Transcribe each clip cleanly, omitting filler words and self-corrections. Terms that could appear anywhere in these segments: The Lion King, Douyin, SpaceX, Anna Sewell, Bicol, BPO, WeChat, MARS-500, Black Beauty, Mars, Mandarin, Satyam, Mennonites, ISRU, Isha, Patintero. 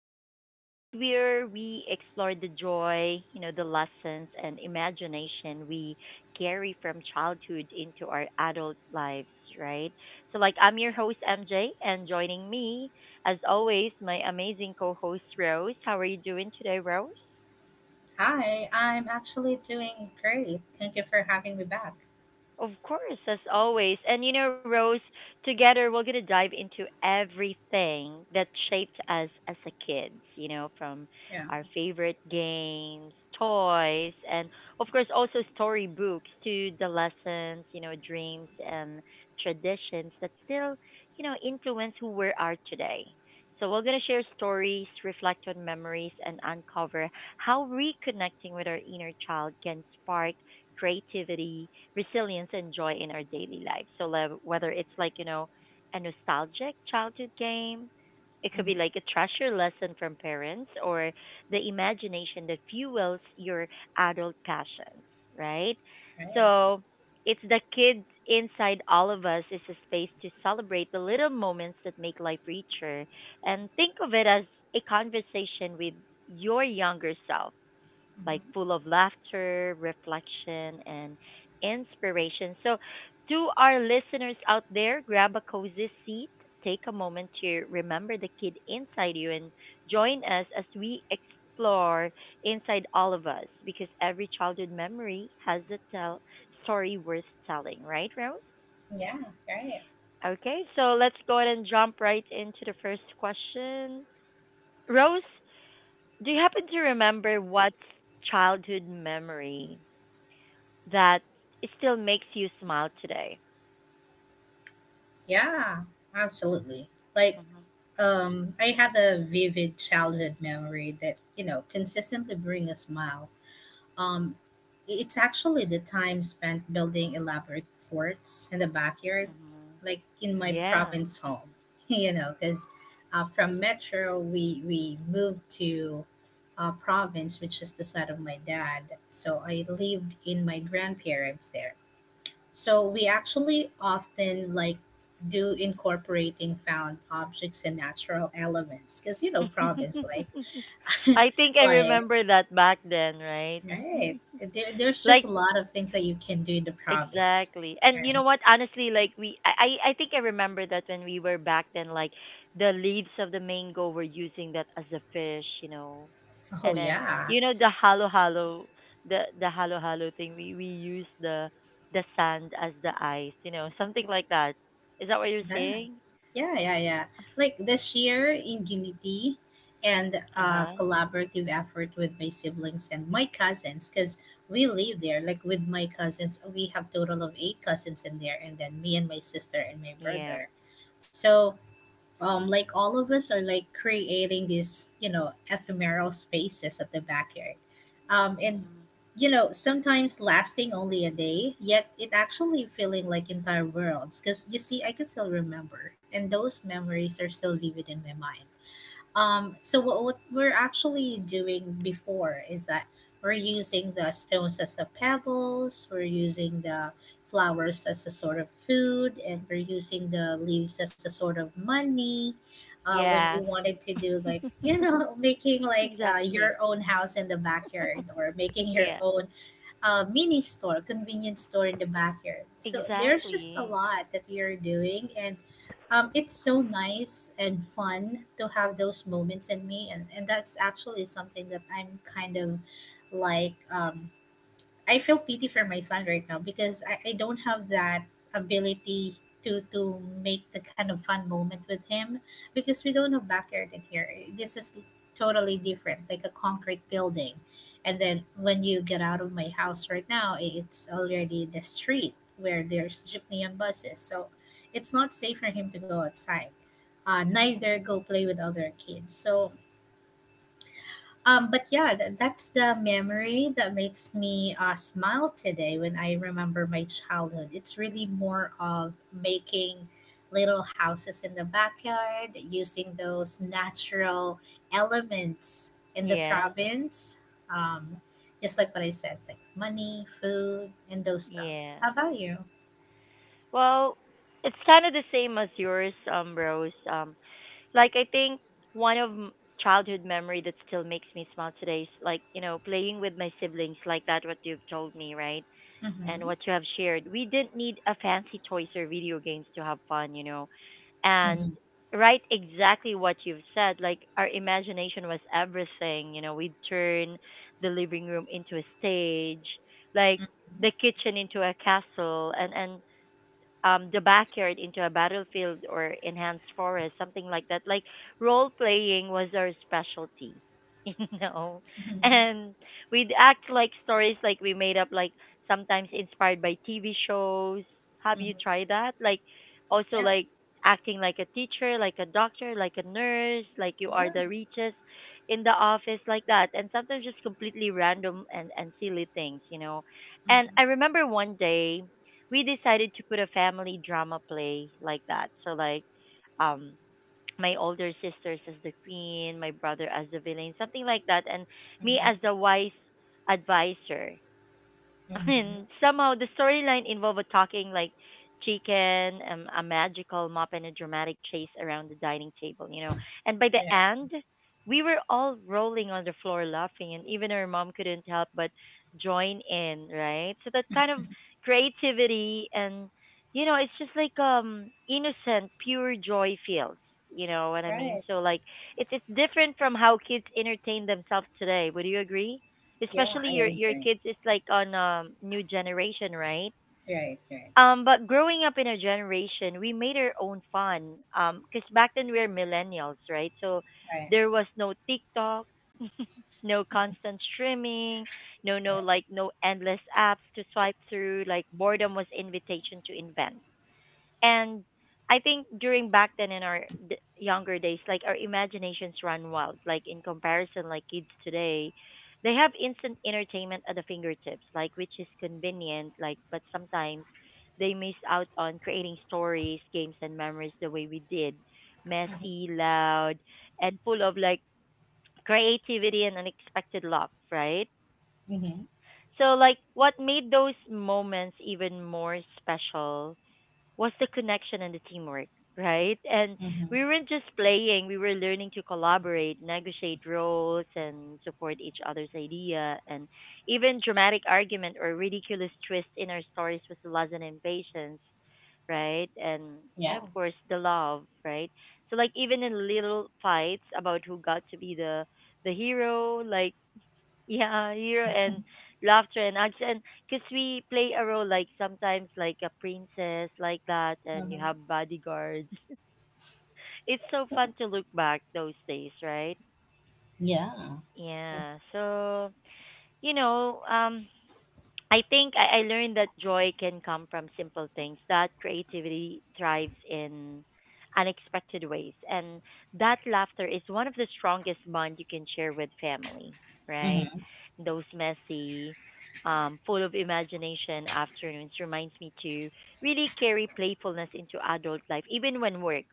The podcast where we explore the joy, the lessons and imagination we carry from childhood into our adult lives, right? I'm your host, MJ, and joining me, as always, my amazing co host, Rose. How are you doing today, Rose? Hi, I'm actually doing great. Thank you for having me back. Of course, as always. And Rose, together we're going to dive into everything that shaped us as a kids, from Yeah. our favorite games, toys, and of course also storybooks to the lessons, dreams and traditions that still, influence who we are today. So we're going to share stories, reflect on memories, and uncover how reconnecting with our inner child can spark creativity resilience and joy in our daily life. So whether it's a nostalgic childhood game, it could Mm-hmm. be like a treasure lesson from parents or the imagination that fuels your adult passions, right? Right. So it's the kids inside all of us is a space to celebrate the little moments that make life richer and think of it as a conversation with your younger self like Hmm. full of laughter, reflection, and inspiration. So, to our listeners out there, grab a cozy seat, take a moment to remember the kid inside you, and join us as we explore inside all of us because every childhood memory has a tell story worth telling, right, Rose? Yeah, right. Okay, so let's go ahead and jump right into the first question. Rose, do you happen to remember what childhood memory that it still makes you smile today? Yeah, absolutely. Like, Hmm. I had a vivid childhood memory that, you know, consistently bring a smile. Um, it's actually the time spent building elaborate forts in the backyard, Hmm. like in my Yeah. province home, you know, because from metro we moved to province, which is the side of my dad. So I lived in my grandparents there. So we actually often like do incorporating found objects and natural elements, because you know province like I think I like remember that back then, right? right. There, there's just like a lot of things that you can do in the province. exactly. And you know Right. what? Honestly, like we, I think I remember that when we were back then, like the leaves of the mango were using that as a fish, you know. Oh And then yeah. you know the halo halo, the halo halo thing. We use the sand as the ice, you know, something like that. Is that what you're That. saying? Yeah, yeah, yeah. Like this year in Unity and Uh-huh. collaborative effort with my siblings and my cousins because we live there. Like with my cousins, we have total of 8 cousins in there and then me and my sister and my Yeah. brother. So like all of us are like creating these, you know, ephemeral spaces at the backyard. Um, and, Hmm. you know, sometimes lasting only a day, yet it actually feeling like entire worlds. Because you see, I can still remember, and those memories are still vivid in my mind. So what we're actually doing before is that we're using the stones as a pebbles, we're using the flowers as a sort of food, and we're using the leaves as a sort of money. When we Yes. wanted to do like you know making like Exactly. your own house in the backyard or making your Yeah. own mini store, convenience store in the backyard. So there's just a Exactly. lot that we are doing, and it's so nice and fun to have those moments in me, and that's actually something that I'm like um, I feel pity for my son right now because I don't have that ability to make the kind of fun moment with him because we don't have backyard in here. This is totally different, like a concrete building. And then when you get out of my house right now, it's already the street where there's jeepney and buses. So it's not safe for him to go outside. Neither Mhm. go play with other kids. So but yeah, that's the memory that makes me smile today when I remember my childhood. It's really more of making little houses in the backyard, using those natural elements in the Yeah. province. Um, just like what I said, like money, food, and those stuff. Yeah. How about you? Well, it's kind of the same as yours, Rose. Like I think one of childhood memory that still makes me smile today is like, you know, playing with my siblings like that what you've told me, right? And Mm-hmm. what you have shared. We didn't need a fancy toys or video games to have fun, you know. And Mm-hmm. right exactly what you've said, like our imagination was everything, you know. We'd turn the living room into a stage, like the kitchen into a castle and the backyard into a battlefield or enhanced forest, something like that. Like role playing was our specialty, you know. Mm-hmm. And we'd act like stories like we made up like sometimes inspired by TV shows. Have you Mm-hmm. tried that? Like also Yeah. like acting like a teacher, like a doctor, like a nurse, like you are Yeah. the richest in the office like that. And sometimes just completely random and silly things, you know. And Mm-hmm. I remember one day we decided to put a family drama play like that. So like um my older sisters as the queen, my brother as the villain, something like that, and me Mm-hmm. as the wise advisor. Mm-hmm. Mm-hmm. And somehow the storyline involved a talking like chicken, a magical mop, and a dramatic chase around the dining table, you know. And by the Yeah. end, we were all rolling on the floor laughing, and even our mom couldn't help but join in, right? So that kind of creativity and it's just like innocent, pure joy feels. You know what I Right. mean? So like it's different from how kids entertain themselves today. Would you agree? Yeah, Especially I your agree. kids is like on new generation right. Right, right, but growing up in a generation we made our own fun because back then we are millennials right so right. there was no tiktok. no constant streaming, no endless apps to swipe through like boredom was invitation to invent. And I think during back then in our younger days, like our imaginations run wild. Like in comparison, like kids today, they have instant entertainment at the fingertips, like which is convenient. Like, but sometimes they miss out on creating stories, games, and memories the way we did, messy, loud, and full of like creativity and unexpected love, right? Mhm, mhm, So, like, what made those moments even more special was the connection and the teamwork, right? And mhm. we weren't just playing, we were learning to collaborate, negotiate roles, and support each other's idea. And even dramatic argument or ridiculous twist in our stories was the lesson in patience, right? And Yeah. of course the love, right? So like even in little fights about who got to be the hero, like yeah, hero and laughter and arts and because we play a role like sometimes like a princess like that and you Mhm. have bodyguards. It's so fun to look back those days, right? Yeah. Yeah. So, you know, um I think I learned that joy can come from simple things, that creativity thrives in unexpected ways, and that laughter is one of the strongest bond you can share with family, right? Mhm, Those messy, full of imagination afternoons reminds me to really carry playfulness into adult life, even when work,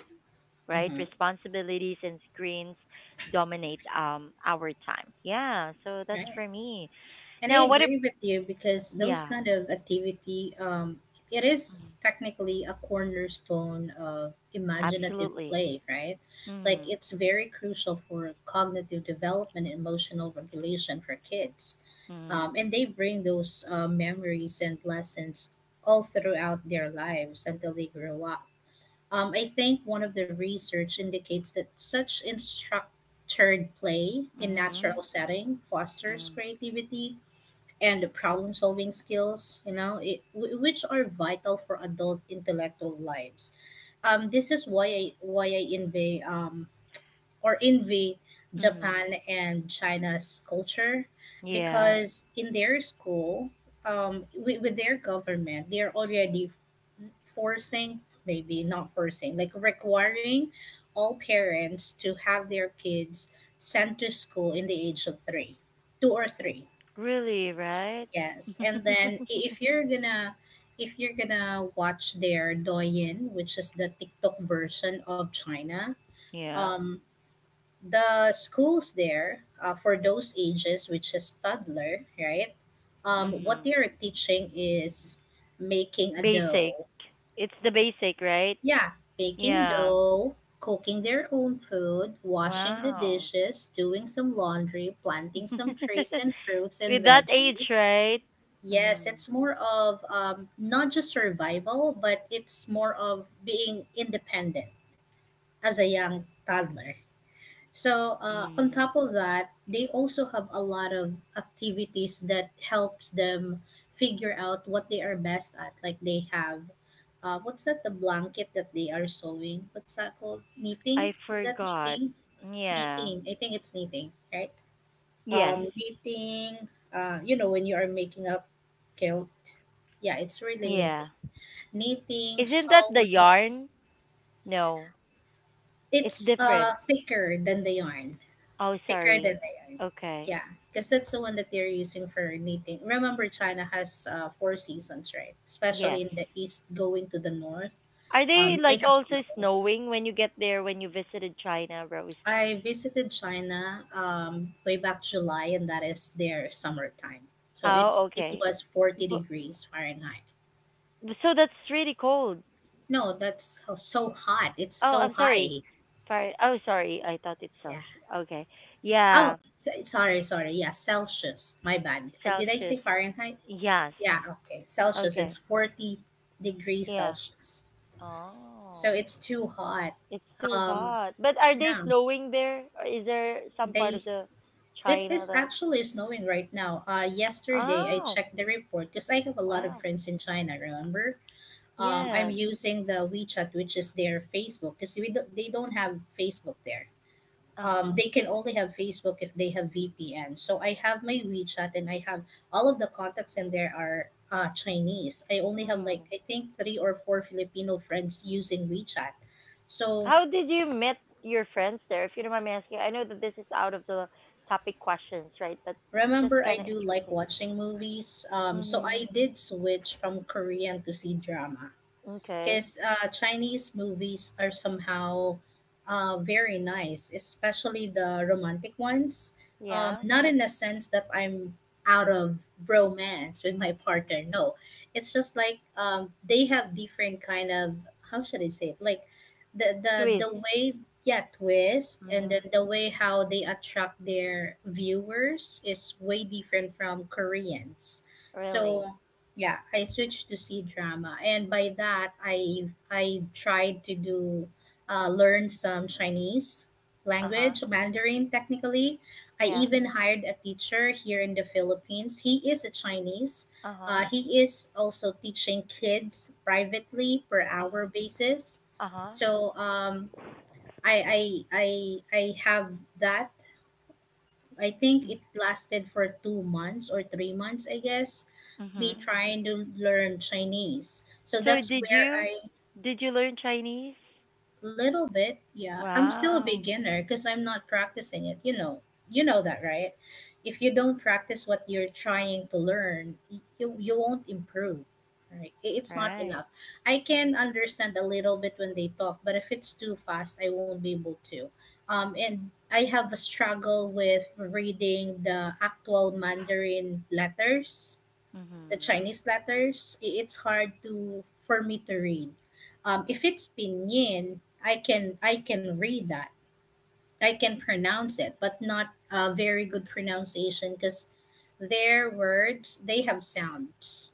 right? mhm. Responsibilities and screens dominate our time. Yeah, so that's Right. for me. And I Now, what if, agree with you because those yeah. kind of activity, it is Mm-hmm. technically a cornerstone of imaginative Absolutely. play, right? Like Mm. it's very crucial for cognitive development and emotional regulation for kids. Mm. And they bring those memories and lessons all throughout their lives until they grow up. I think one of the research indicates that such instructored play in Mhm. natural setting fosters Mm. creativity and problem solving skills, you know, which are vital for adult intellectual lives. This is why I envy or envy Mm. Japan and China's culture Yeah. because in their school, with their government, they're already forcing, maybe not forcing, like requiring all parents to have their kids sent to school in the age of three, two or three. Really, right? Yes, and then if you're gonna watch their Douyin, which is the TikTok version of China, yeah. um, the schools there for those ages, which is toddler, right? What Mm. they are teaching is making a Basic. dough. It's the basic, right? Yeah, baking Yeah. dough, cooking their own food, washing the Wow. dishes, doing some laundry, planting some trees and fruits and With that age, veggies. right? Yes, Mm. it's more of not just survival, but it's more of being independent as a young toddler. So, on Mm. top of that, they also have a lot of activities that helps them figure out what they are best at. Like they have what's that the blanket that they are sewing, what's that called, knitting, I is that forgot. knitting? Yeah. Knitting, I think it's knitting, right? Yes. Knitting. You know when you are making up kilt, yeah, it's really Yeah. knitting. Knitting, Isn't that the sewing. yarn? No. It's It's different. thicker than the yarn. Oh, Thicker than sorry. the yarn, yeah, Okay. because that's the one that they're using for knitting. Remember, China has four seasons, right, especially Yes. in the east going to the north. Are they They like have also snow. snowing when you get there when you visited China, Rose? I visited China way back July, and that is their summertime. So Oh, it okay. was forty But degrees Fahrenheit. so that's really cold. No, that's so hot. It's Oh, so I'm sorry. high. Far- Oh, sorry. I thought it's Yeah. Celsius. Okay. Yeah. Oh, sorry, sorry. Yeah, Celsius. My bad. Did I say Celsius. Fahrenheit? Yes. Yeah. Okay. Celsius. It's Okay. 40 degrees Yeah. Celsius. So Oh, it's too hot. it's too Um. hot. But are they Yeah. snowing there? Or is there some part They— of the it China is that? actually snowing right now. Yesterday I Oh, checked the report because I have a lot of wow. friends in China. Remember, I'm Yes. using the WeChat, which is their Facebook, because they don't have Facebook there. Uh-huh. They can only have Facebook if they have VPN. So I have my WeChat, and I have all of the contacts in there are Chinese. I only have Hmm. like I think three or four Filipino friends using WeChat. How So did you meet your friends there? If you don't mind me asking, I know that this is out of the topic questions, right? But it's just remember, kind of I do interesting. like watching movies, so Mm-hmm. I did switch from Korean to see drama Okay. because Chinese movies are somehow very nice, especially the romantic ones. Yeah. Not in the sense that I'm out of romance with my Mm. partner. No, it's just like they have different kind of, how should I say it? Like the the Swiss. the way, yeah, twist and then Mm-hmm. the way how they attract their viewers is way different from Koreans. Really? So yeah, I switched to C drama, and by that I tried to do learn some Chinese Uh-huh. language, Mandarin technically. I Yeah. even hired a teacher here in the Philippines. He is a Chinese. Uh-huh. He is also teaching kids privately per Uh-huh. hour basis. Uh-huh. So I, I I I have that. I think Mm. it lasted for 2 months or 3 months, I guess, be Mm-hmm. trying to learn Chinese. So So that's did where you I— did you learn Chinese? little bit, yeah, I'm still a Wow. beginner because I'm not practicing it. You know that, right? If you don't practice what you're trying to learn, you won't improve. Right? It's not Right. enough. I can understand a little bit when they talk, but if it's too fast, I won't be able to. And I have a struggle with reading the actual Mandarin letters, the Mm-hmm. Chinese letters, it's hard to for me to read. If it's pinyin, I can read that. I can pronounce it, but not a very good pronunciation because their words they have sounds.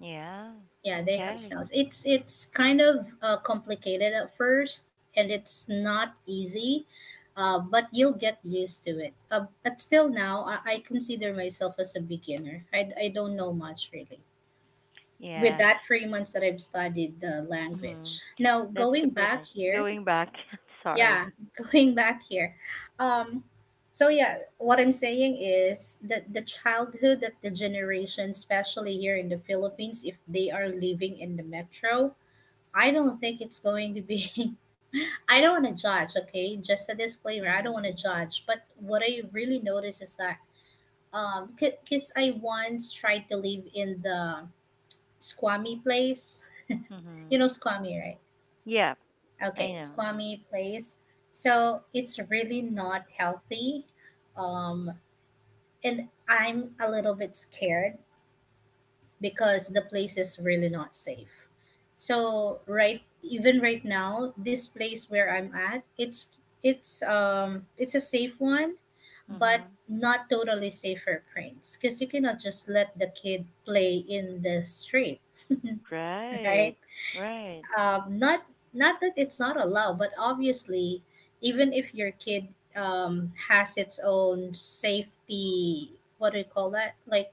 Yeah. Yeah, they have Okay. sounds. It's kind of complicated at first, and it's not easy. But you'll get used to it. But still now, I consider myself as a beginner. I don't know much really. With Yeah. that 3 months that I've studied the Mm-hmm. language. Now That's going super back nice. here, Going back, yeah, sorry. going back here. Um, so yeah, what I'm saying is that the childhood that the generation, especially here in the Philippines, if they are living in the metro, I don't think it's going to be. I don't want to judge, okay? Just a disclaimer. I don't want Mhm. to judge, but what I really notice is that because I once tried to live in the squammy place. You know Mhm. squammy, right? Yeah, I Okay, know. squammy place. So it's really not healthy. Um, and I'm a little bit scared because the place is really not safe. So right even right now, this place where I'm at, it's a safe one, but Mhm. not totally safe for cranes because you cannot just let the kid play in the street, Right. right? Right. Not not that it's not allowed, but obviously, even if your kid has its own safety, what do you call that? Like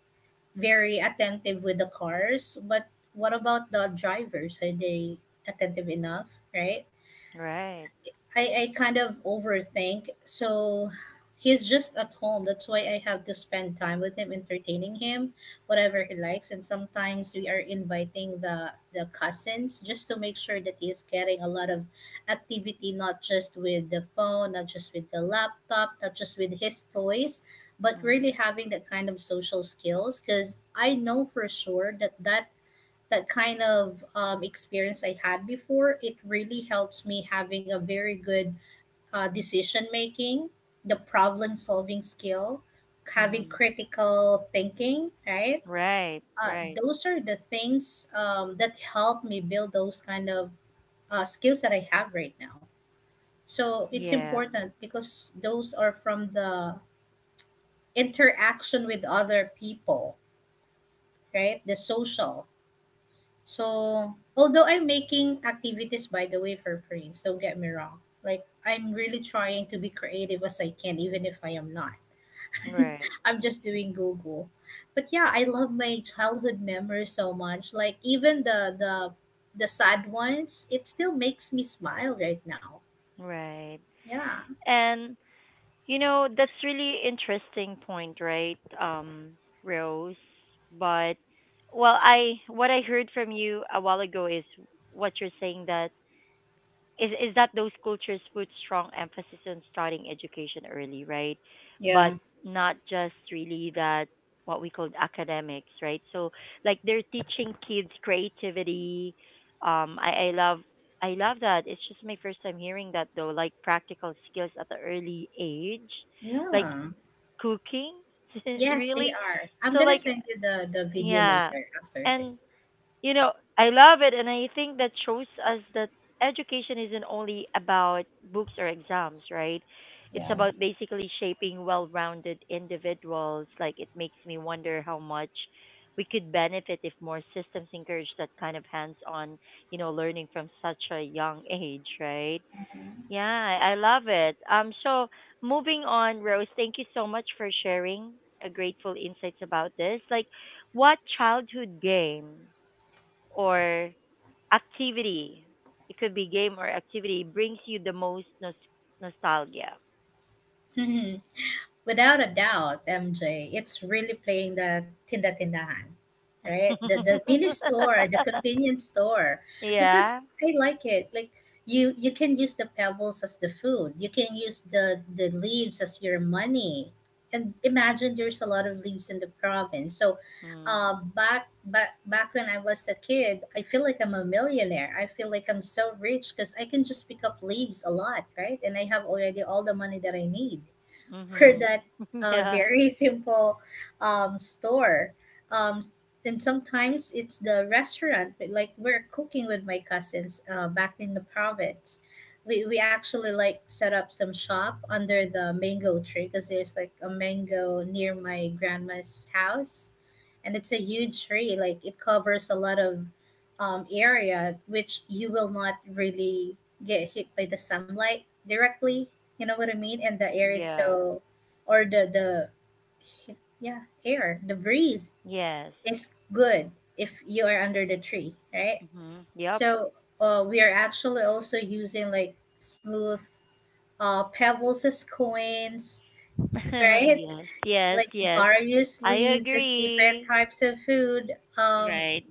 very attentive with the cars, but what about the drivers? Are they attentive enough, right? Right. I, I kind of overthink. So he's just at home. That's why I have to spend time with him, entertaining him, whatever he likes. And sometimes we are inviting the cousins just to make sure that he is getting a lot of activity, not just with the phone, not just with the laptop, not just with his toys, but really Mhm. having that kind of social skills. Because I know for sure that that kind of experience I had before, it really helps me having a very good decision making, the problem solving skill, having Mhm. critical thinking, right? Right. Uh, Right. those are the things that help me build those kind of skills that I have right now. So it's Yeah. important because those are from the interaction with other people, right? The social. So although I'm making activities by the way for free, so don't get me wrong. Like I'm really trying to be creative as I can, even if I am not Right. I'm just doing Google. But yeah, I love my childhood memories so much. Like even the the sad ones, it still makes me smile right now. Right. Yeah. And you know, that's really interesting point, right? Rose. But well, I what I heard from you a while ago is what you're saying that is that those cultures put strong emphasis on starting education early, right? But Yeah. not just really that what we call academics, right? So like they're teaching kids creativity. Um, I I love I love that. It's just my first time hearing that though, like practical skills at the early age, like Yeah. cooking, Yes, they really. are. I'm So gonna like send you the video yeah, later after and this. you know I love it and I think that shows us that education isn't only about books or exams right it's Yeah. about basically shaping well-rounded individuals like it makes me wonder how much we could benefit if more systems encourage that kind of hands-on you know learning from such a young age right yeah I love it so moving on rose thank you so much for sharing a grateful insights about this like what childhood game or activity, it could be game or activity, brings you the most nostalgia? Without a doubt, MJ, it's really playing the tinda-tindahan, right? The mini store, the convenience store, yeah. because I like it. Like you can use the pebbles as the food. You can use the leaves as your money. And imagine there's a lot of leaves in the province. So, Mm. back when I was a kid, I feel like I'm a millionaire. I feel like I'm so rich because I can just pick up leaves a lot, right? And I have already all the money that I need for Mhm. that Yeah. very simple store. Um, and sometimes it's the restaurant, but like we're cooking with my cousins back in the province. We actually like set up some shop under the mango tree because there's like a mango near my grandma's house and it's a huge tree like it covers a lot of area which you will not really get hit by the sunlight directly, you know what I mean? And the air is Yeah. so, or yeah, air, the breeze Yes. is good if you are under the tree, right? Mhm. Yep. So we are actually also using like smooth pebbles as coins, right? yes. Yes. Like Yes. various I leaves as different agree. types of food. Right.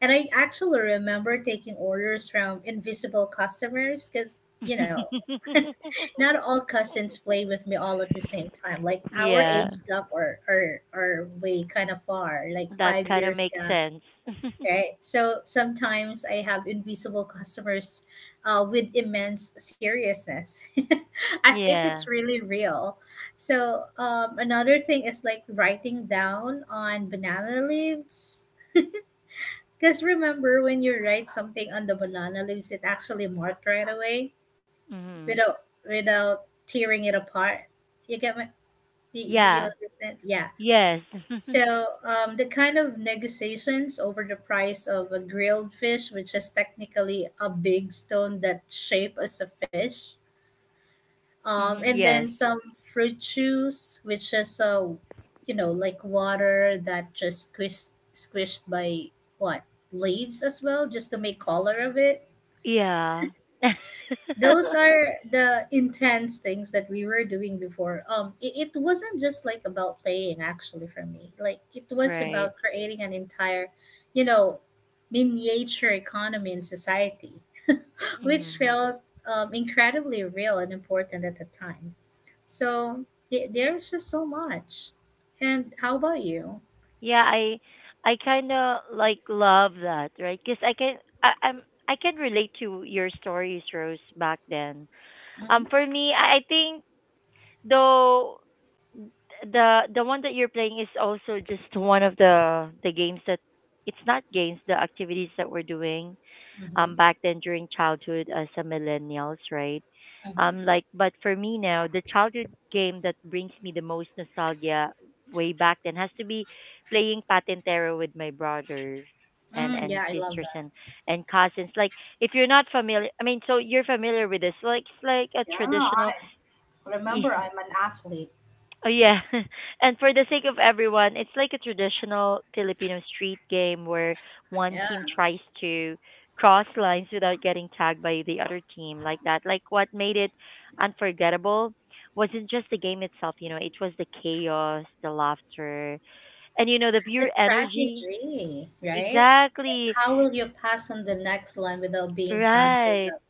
And I actually remember taking orders from invisible customers because not all cousins play with me all at the same time. Like our yeah. age gap or are way kind of far, like That five kind of years makes gap, sense. right? So sometimes I have invisible customers with immense seriousness, as if it's yeah. really real. So another thing is like writing down on banana leaves. Because remember, when you write something on the banana leaves, it actually marked right away Mhm. without tearing it apart. You get my do you Yeah. understand? Yeah. Yes. So the kind of negotiations over the price of a grilled fish, which is technically a big stone that shape as a fish, mhm. and then Yes. some fruit juice, which is a you know like water that just squished by what leaves as well, just to make color of it. Yeah. Those are the intense things that we were doing before. It wasn't just like about playing actually for me. Like it was Great. about creating an entire, you know, miniature economy in society, which Mm. felt incredibly real and important at the time. So there's just so much. And how about you? Yeah, I kind of like love that, right? Because I, I'm I can relate to your stories, Rose, back then. Mm-hmm. For me, I think though the one that you're playing is also just one of the games that it's not games, the activities that we're doing. Hmm. Back then during childhood as a millennials, right? Hmm. Like, but for me now, the childhood game that brings me the most nostalgia way back then has to be playing Patintero with my brothers and Mm, and yeah, I love sisters that. and cousins. Like, if you're not familiar, I mean, so you're familiar with this? Like, it's like a Yeah, traditional. I remember I'm an athlete. Oh yeah. And for the sake of everyone, it's like a traditional Filipino street game where one Yeah, team tries to cross lines without getting tagged by the other team like that. Like what made it unforgettable wasn't just the game itself, you know, it was the chaos, the laughter, and you know the the pure energy. strategy, right? Exactly. How will you pass on the next line without being tangled Right. up,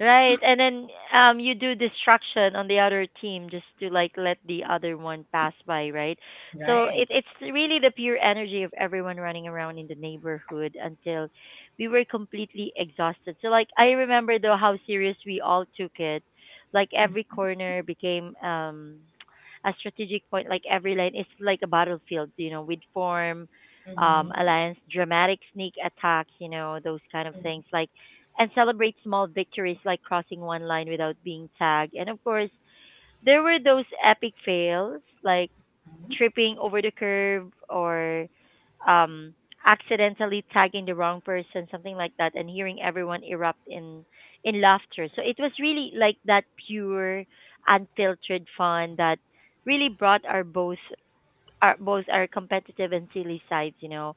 Right. And then you do destruction on the other team just to like let the other one pass by, right? So it right? it's really the pure energy of everyone running around in the neighborhood until we were completely exhausted. So like I remember though how serious we all took it. Like every corner became a strategic point, like every line is like a battlefield, you know, we'd form Mm-hmm. alliance, dramatic sneak attacks, you know, those kind of things. Like and celebrate small victories like crossing one line without being tagged. And of course, there were those epic fails like Mm-hmm. tripping over the curb or um, accidentally tagging the wrong person, something like that, and hearing everyone erupt in laughter. So it was really like that pure, unfiltered fun that really brought our both our competitive and silly sides, you know.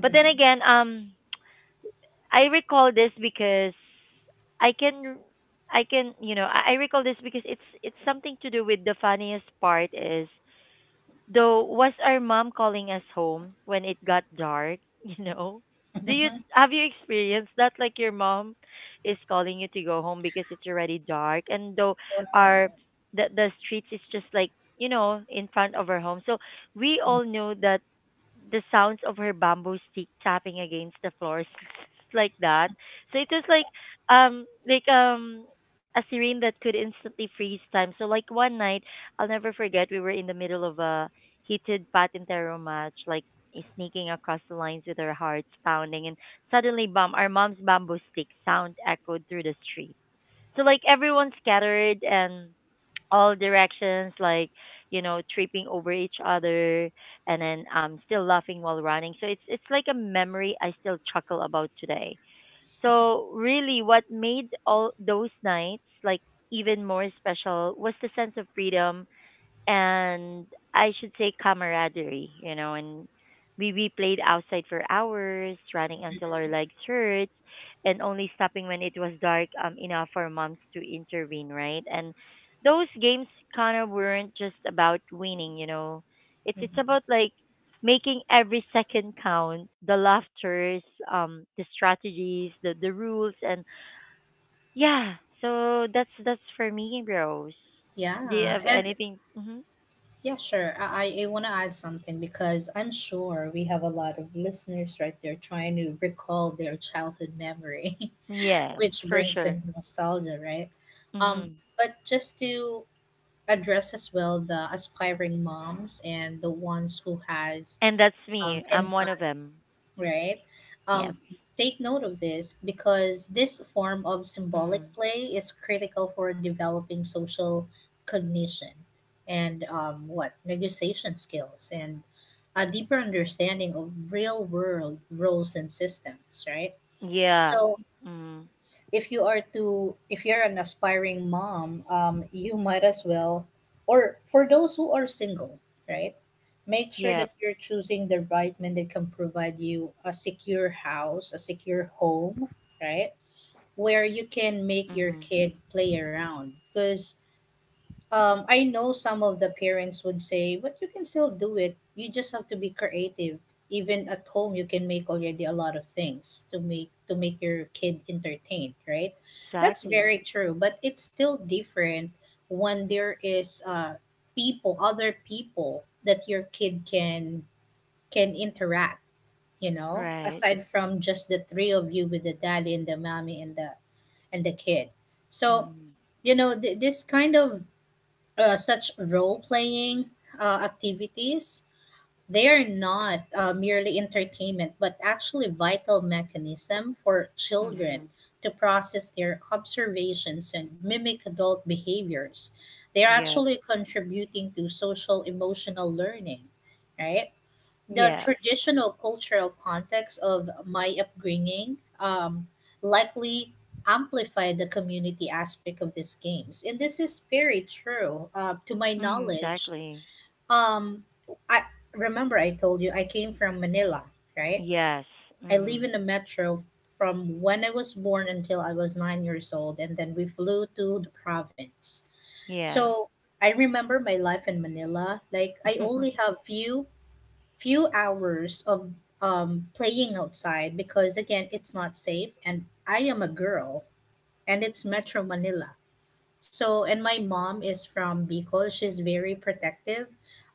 But then again, I recall this because I can I can you know I recall this because it's something to do with the funniest part is though was our mom calling us home when it got dark you know do you have you experienced that like your mom is calling you to go home because it's already dark and though Wow. our the streets is just like in front of our home, so we all knew that the sounds of her bamboo stick tapping against the floors like that. So it was like a serene that could instantly freeze time. So like one night, I'll never forget we were in the middle of a heated patintero match, like sneaking across the lines with our hearts pounding and suddenly bam our mom's bamboo stick sound echoed through the street. So like everyone scattered and all directions, like tripping over each other, and then still laughing while running. So it's like a memory I still chuckle about today. So really, what made all those nights like even more special was the sense of freedom and I should say camaraderie, you know, and we played outside for hours, running until our legs hurt, and only stopping when it was dark enough for moms to intervene, right? And those games kind of weren't just about winning, you know. It's Mhm. about like making every second count, the laughters, the strategies, the rules, and yeah. So that's for me, Rose. Do you Yeah, have and anything? Mhm. yeah, sure. I want to add something because I'm sure we have a lot of listeners right there trying to recall their childhood memory, Yes, which for brings sure. them nostalgia, right? Hmm. But just to address as well the aspiring moms and the ones who has And that's me. I'm and one fun, of them. right? Yes. Um, Take note of this because this form of symbolic Mm. play is critical for developing social cognition and what negotiation skills and a deeper understanding of real world roles and systems, right? Yeah. So Mm. If you're an aspiring mom, you might as well, or for those who are single, right, make sure Yeah. that you're choosing the right man that can provide you a secure house, a secure home, right, where you can make your Hmm. kid play around. Because I know some of the parents would say, but you can still do it. You just have to be creative. Even at home, you can make already a lot of things to make your kid entertained, right? That's Exactly. very true, but it's still different when there is people, other people that your kid can interact. You know, Right. aside from just the three of you with the daddy and the mommy and the kid. So Hmm. you know this kind of such role playing activities, they are not merely entertainment, but actually vital mechanism for children Hmm. to process their observations and mimic adult behaviors. They are Yeah. actually contributing to social emotional learning, right? The Yes. traditional cultural context of my upbringing likely amplified the community aspect of these games, and this is very true to my Mm, knowledge. exactly. um, I remember I told you I came from Manila, right? Yes. I live Hmm. in the metro from when I was born until I was 9 years old, and then we flew to the province. Yes. So I remember my life in Manila. Like I only have few few hours of playing outside because again it's not safe, and I am a girl, and it's metro Manila. So, and my mom is from Bicol. She's very protective,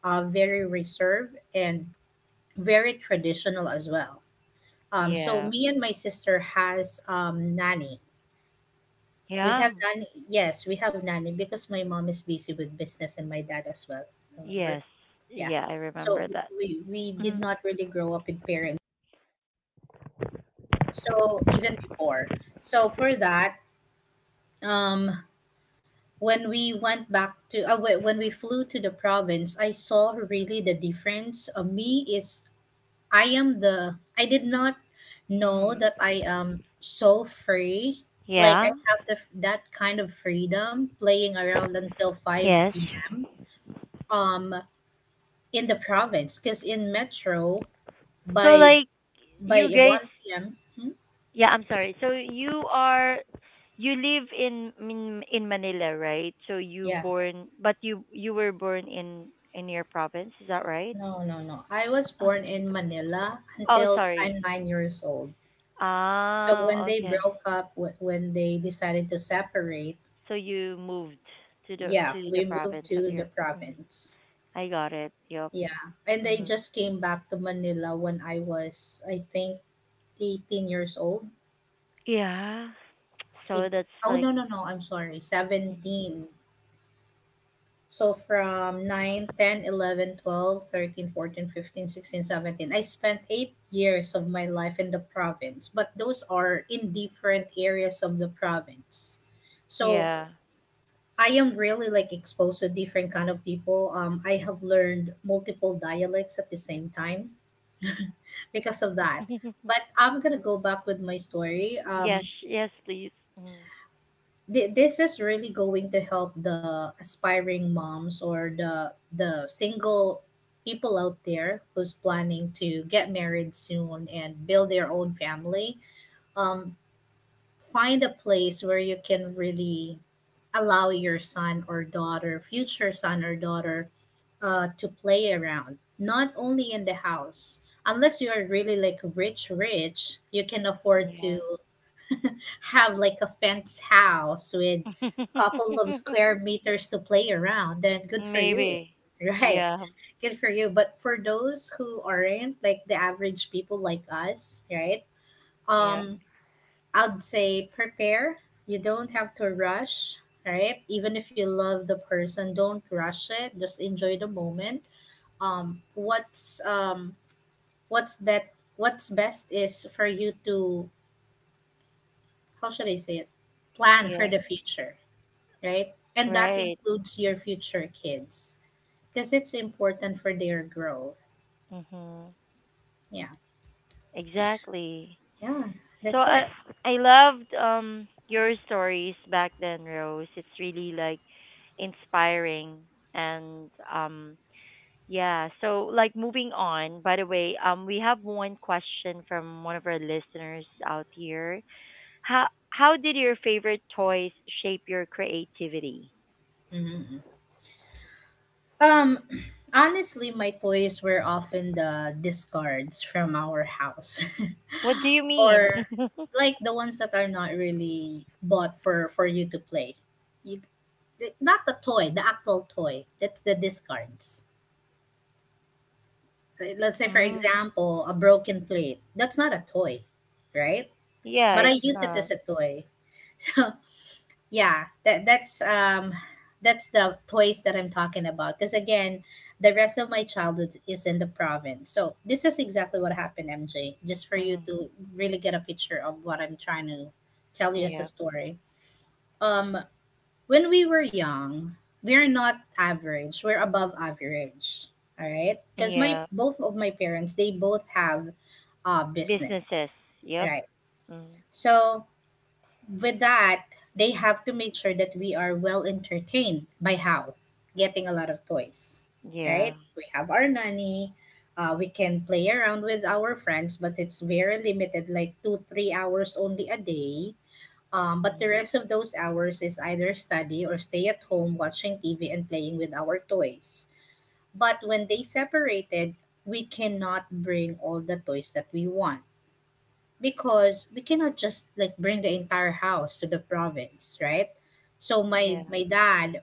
very reserved, and very traditional as well. So Yeah. me and my sister has nanny. We have Yeah. nanny Yes, we have nanny because my mom is busy with business and my dad as well, remember? Yes. Yeah. Yeah, I remember So that. we did Mm-hmm. not really grow up with parents. So even before. So for that, um, when we went back to when we flew to the province, I saw really the difference of me is I am the I did not know Mm-hmm. that I am so free. Like I Yeah. have that kind of freedom playing around until Yes. 5 p.m. um in the province, because in metro So by like by you guys 1 p.m. Hmm? yeah, I'm sorry. So you live in Manila, right? So you Yeah. born but you were born in your province, is that right? No, no, no. I was Uh, born in Manila oh, until I'm sorry. 9 years old. So when Ah, they okay. broke up, when they decided to separate, So you moved to the yeah, to we the moved province of to the your. Mhm. province. I got it. Yep. Yeah. And they Hmm. just came back to Manila when I was, I think, 18 years old. Yeah. So Eight, that's oh, like no, no, no. I'm sorry. mm, 17. So from 9, 10, 11, 12, 13, 14, 15, 16, 17, I spent 8 years of my life in the province, but those are in different areas of the province. So yeah. I am really like exposed to different kind of people. I have learned multiple dialects at the same time because of that. But I'm gonna go back with my story. Yes, yes, please. Mm, This is really going to help the aspiring moms or the single people out there who's planning to get married soon and build their own family. um Find a place where you can really allow your son or daughter, future son or daughter, to play around not only in the house, unless you are really like rich, you can afford yeah. to have like a fenced house with couple of square meters to play around, then good for you. Maybe. Right. Yeah. Good for you. But for those who aren't, like the average people like us, right? Yeah. Um, I'd say prepare. You don't have to rush, right? Even if you love the person, don't rush it. Just enjoy the moment. Um, what's um what's bet what's best is for you to, how should I say it, plan for Yeah. the future, right? And that Right. includes your future kids because it's important for their growth. Mhm. Yeah. Exactly. Yeah. So That's I it. I loved your stories back then, Rose. It's really like inspiring and yeah, so like moving on, by the way, we have one question from one of our listeners out here. How did your favorite toys shape your creativity? Hmm. Um, honestly, my toys were often the discards from our house What do you mean? or like the ones that are not really bought for you to play. You, not the toy, the actual toy. That's the discards. Right? Let's say, for mm, example, a broken plate. That's not a toy, right? yeah, But it's I use it not. as a toy. Yeah, that's that's the toys that I'm talking about. Because again, the rest of my childhood is in the province, so this is exactly what happened, MJ, just for you Mm. to really get a picture of what I'm trying to tell you as a Yeah. story. Um, when we were young, we're not average, we're above average, all right? Because my Yeah. both of my parents, they both have Businesses. business, Yep. right? Mm. So with that, they have to make sure that we are well entertained by how, getting a lot of toys, right? Yeah. We have our nanny. We can play around with our friends, but it's very limited, like two, 3 hours only a day. But the Mm. rest of those hours is either study or stay at home watching TV and playing with our toys. But when they separated, we cannot bring all the toys that we want because we cannot just like bring the entire house to the province, right? So my Yeah. my dad,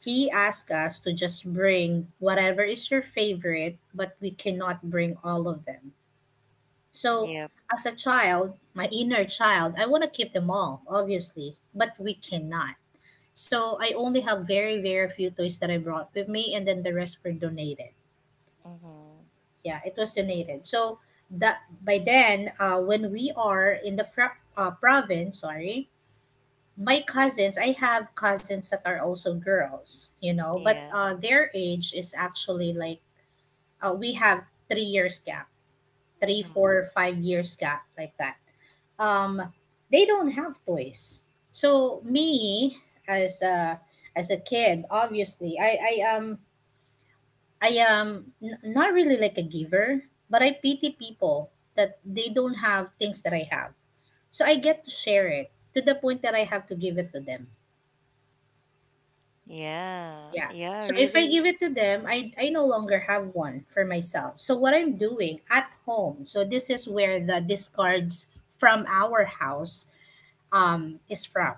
he asked us to just bring whatever is your favorite, but we cannot bring all of them. So Yep. as a child, my inner child, I want to keep them all obviously, but we cannot. So I only have very very few toys that I brought with me, and then the rest were donated. Mhm. Yeah, it was donated. So that by then, when we are in the province, sorry, my cousins, I have cousins that are also girls, you know, but Yeah. Their age is actually like, we have 3 years gap, three, Mhm. four, 5 years gap, like that. Um, they don't have toys. So me as a kid, obviously, I am not really like a giver, but I pity people that they don't have things that I have. So I get to share it to the point that I have to give it to them. Yeah. Yeah. Yeah, So if I really? give it to them, I no longer have one for myself. So what I'm doing at home, so this is where the discards from our house, is from.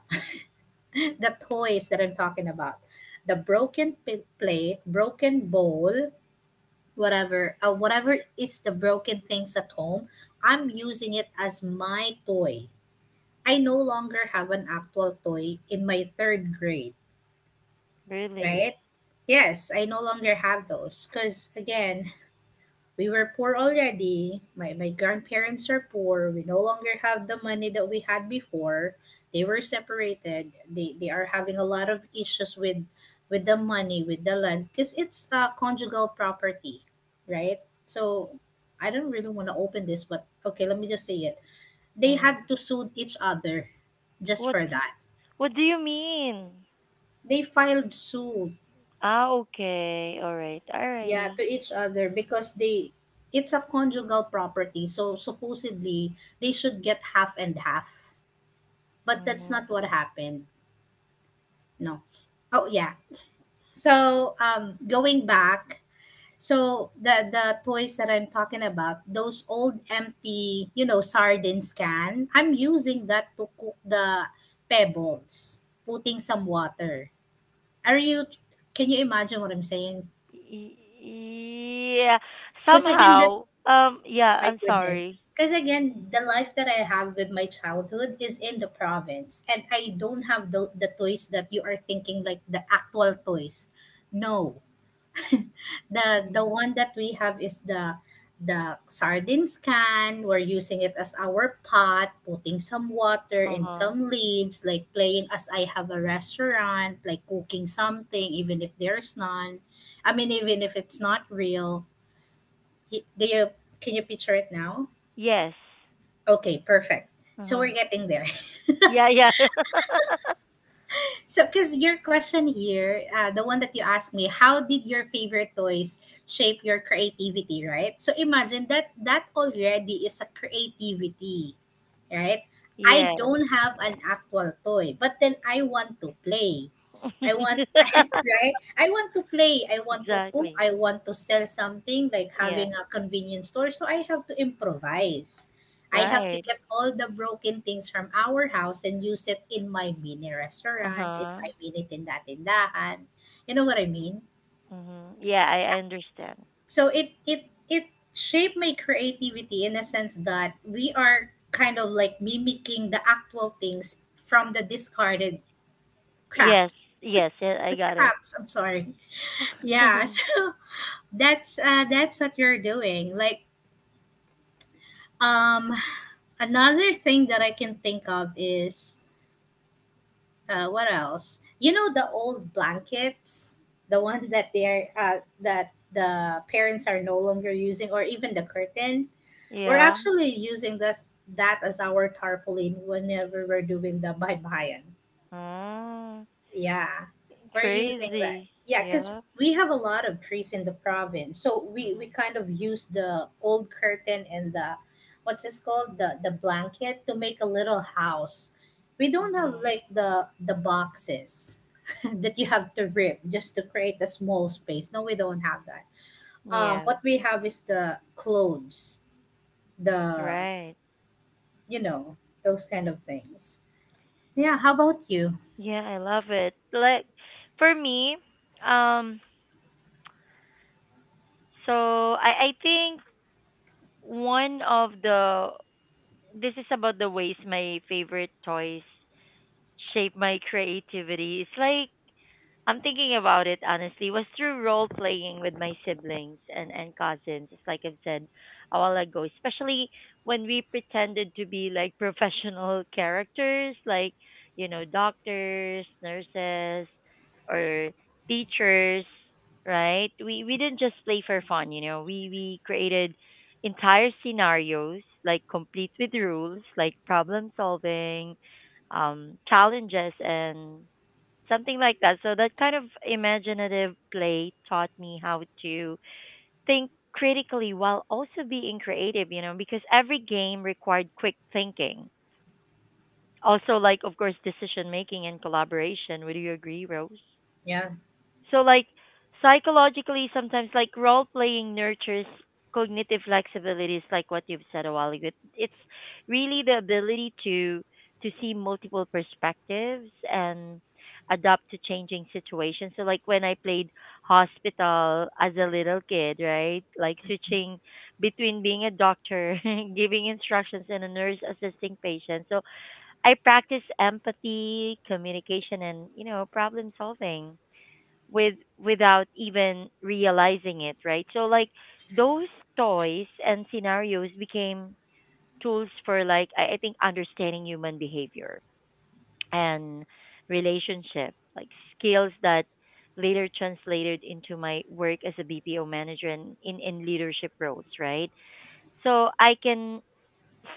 The toys that I'm talking about. The broken plate, broken bowl, whatever is the broken things at home, I'm using it as my toy. I no longer have an actual toy in my third grade, right? Really? Yes, I no longer have those because again, we were poor already. My grandparents are poor. We no longer have the money that we had before. They were separated. They are having a lot of issues with the money, with the land, because it's a conjugal property, right? So I don't really want to open this, but okay, let me just say it. They Mhm. had to sue each other just What for that. what do you mean? They filed suit. Ah, okay. All right. Yeah, Alrighty. to each other because they it's a conjugal property. So supposedly they should get half and half. But that's not Mhm. what happened. No. Oh yeah. So, going back, so the toys that I'm talking about, those old empty, you know, sardines can, I'm using that to cook the pebbles, putting some water. Are you can you imagine what I'm saying? Y- Yeah. Because again, that. Somehow. Yeah, My I'm goodness. sorry. Because again, the life that I have with my childhood is in the province, and I don't have the toys that you are thinking, like the actual toys. No, the Mm. one that we have is the sardines can. We're using it as our pot, putting some water and Uh-huh. some leaves, like playing as I have a restaurant, like cooking something, even if there's none. I mean, even if it's not real. Y- Do you can you picture it now? Yes. Okay, perfect. So Uh-huh. we're getting there. Yeah, yeah. So, because your question here, the one that you asked me, how did your favorite toys shape your creativity, right? So imagine that that already is a creativity, right? I Yes. don't have an actual toy, but then I want to play. I want, right? I want to play. I want to cook. Exactly. I want to sell something like Yeah. having a convenience store. So I have to improvise. I have to Right. get all the broken things from our house and use it in my mini restaurant, in Uh-huh. my mini tinda-tindahan. You know what I mean? Hmm. Yeah, I understand. So it shaped my creativity in a sense that we are kind of like mimicking the actual things from the discarded Yes. crafts. Yes. Yeah, I got it. Scraps, I'm sorry. Yeah, so that's what you're doing. Like, um another thing that I can think of is, what else? You know the old blankets, the one that they're that the parents are no longer using, or even the curtain. We're Yeah. actually using this that as our tarpaulin whenever we're doing the baybayin. Oh, Yeah, we're using that. crazy. Yeah, because Yeah. we have a lot of trees in the province, so we Mm-hmm. kind of use the old curtain and the, what's this called, the blanket to make a little house. We don't have Mm-hmm. like the boxes that you have to rip just to create a small space. No, we don't have that. Yeah. What we have is the clothes, the, Right. you know, those kind of things. Yeah, how about you? Yeah, I love it. Like for me, um, so I think one of the this is about the ways my favorite toys shape my creativity. It's like I'm thinking about it, honestly, was through role playing with my siblings and cousins, just like I've said a while ago, especially when we pretended to be like professional characters, like, you know, doctors, nurses, or teachers, right? We didn't just play for fun, you know. We created entire scenarios, like complete with rules, like problem solving, challenges and something like that. So that kind of imaginative play taught me how to think critically while also being creative, you know, because every game required quick thinking. Also, like, of course, decision making and collaboration. Would you agree, Rose? Yeah. So like, psychologically, sometimes like role playing nurtures cognitive flexibilities, like what you've said a while ago. It's really the ability to see multiple perspectives and adapt to changing situations. So like when I played hospital as a little kid, right? Like switching between being a doctor, giving instructions, and a nurse assisting patients. So I practice empathy, communication and, you know, problem solving without even realizing it, right? So like those toys and scenarios became tools for, like, I think understanding human behavior and relationship, like skills that later translated into my work as a BPO manager and in leadership roles, right? So I can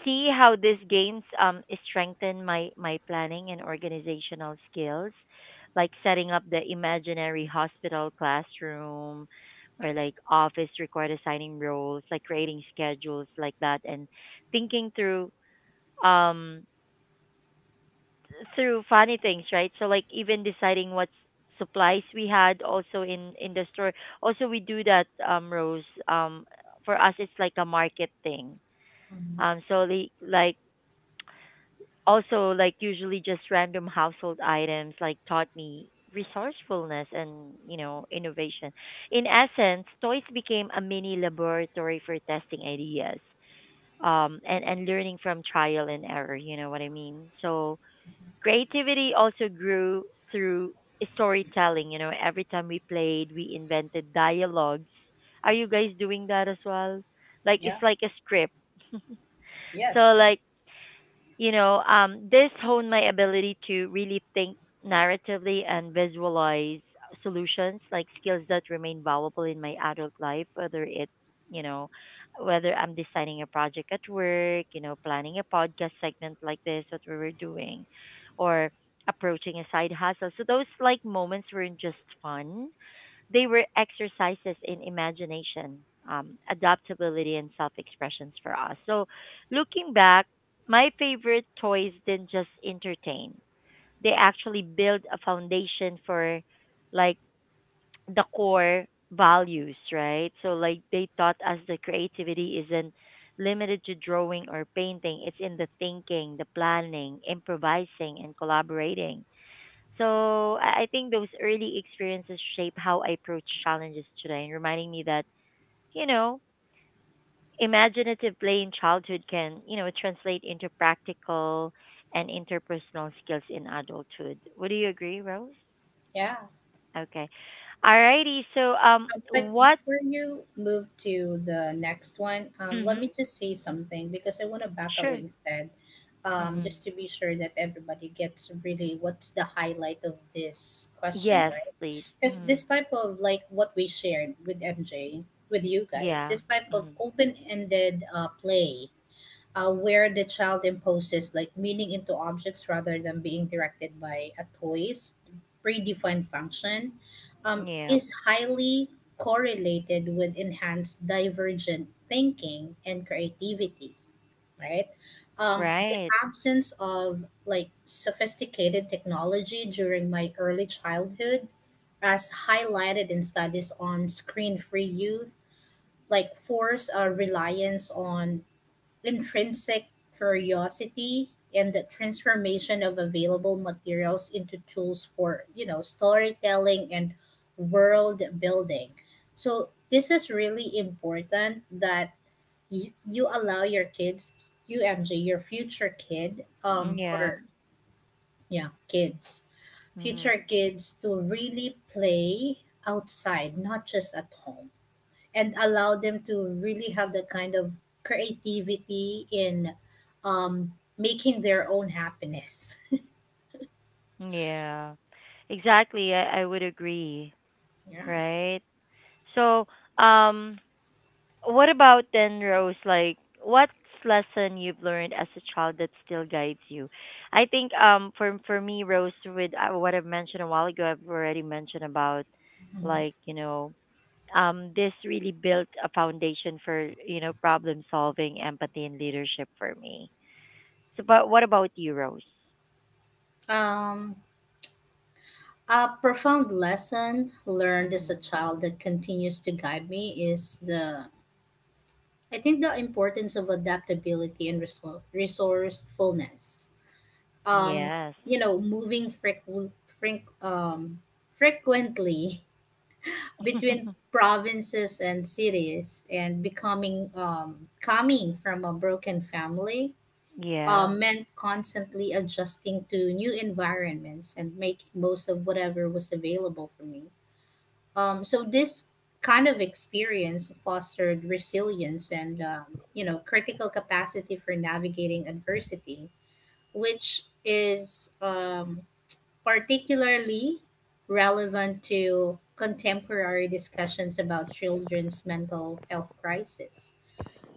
see how these gains strengthen my planning and organizational skills, like setting up the imaginary hospital classroom or like office, required assigning roles, like creating schedules like that, and thinking um through funny things, right? So like even deciding what supplies we had also in the store. Also, we do that, Rose. For us it's like a market thing. Mhm. Like, also, like, usually just random household items, like, taught me resourcefulness and, you know, innovation. In essence, toys became a mini laboratory for testing ideas, and learning from trial and error, you know what I mean. So creativity also grew through storytelling. You know, every time we played, we invented dialogues. Are you guys doing that as well? Like it's Yeah. like a script. So, Yes. like, this honed my ability to really think narratively and visualize solutions, like skills that remain valuable in my adult life, whether, it, you know, whether I'm designing a project at work, you know, planning a podcast segment like this, what we were doing, or approaching a side hustle. So those like moments weren't just fun. They were exercises in imagination, adaptability, and self expressions for us. So, looking back, my favorite toys didn't just entertain, they actually build a foundation for like the core values, right? So, like, they taught us that creativity isn't limited to drawing or painting, it's in the thinking, the planning, improvising, and collaborating. So I think those early experiences shape how I approach challenges today, and reminding me that, you know, imaginative play in childhood can, you know, translate into practical and interpersonal skills in adulthood. Would you agree, Rose? Yeah. Okay. Alrighty. So But what? before you move to the next one, let me Mhm. just say something because I want to back up Sure. what you said, Mhm. just to be sure that everybody gets really what's the highlight of this Yes, question, right? please. Because Mhm. this type of, like, what we shared with MJ, with you guys, Yeah. this type of Mhm. open ended play, where the child imposes like meaning into objects rather than being directed by a toy's predefined function, Yeah. is highly correlated with enhanced divergent thinking and creativity, right? The Right. absence of like sophisticated technology during my early childhood, as highlighted in studies on screen free youth, like, force a reliance on intrinsic curiosity and the transformation of available materials into tools for, you know, storytelling and world building. So this is really important that you allow your kids, you MJ, your future kid, Yeah. or yeah, kids, future Mhm. kids, to really play outside, not just at home, and allow them to really have the kind of creativity in, making their own happiness. Yeah, exactly. I would agree, Yeah. right? So, um, what about then, Rose? Like, what's lesson you've learned as a child that still guides you? I think, for me, Rose, with what I've mentioned a while ago, I've already mentioned about, Mhm. like, you know, this really built a foundation for, you know, problem solving, empathy, and leadership for me. So, but what about you, Rose? Um, a profound lesson learned as a Hmm. child that continues to guide me is the, I think, the importance of adaptability and resourcefulness. Um, Yes. you know, moving freq- um, frequently between provinces and cities, and becoming coming from a broken family, Yeah. meant constantly adjusting to new environments and making most of whatever was available for me. So this kind of experience fostered resilience and, you know, critical capacity for navigating adversity, which is, particularly relevant to contemporary discussions about children's mental health crisis.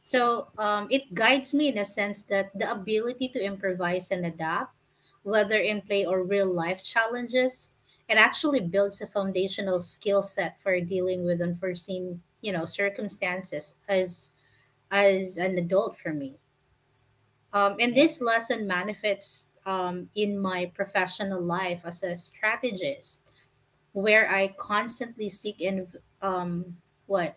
So, it guides me in a sense that the ability to improvise and adapt, whether in play or real life challenges, it actually builds a foundational skill set for dealing with unforeseen, you know, circumstances as an adult for me. And Yeah. this lesson manifests, in my professional life as a strategist, where I constantly seek in, um what,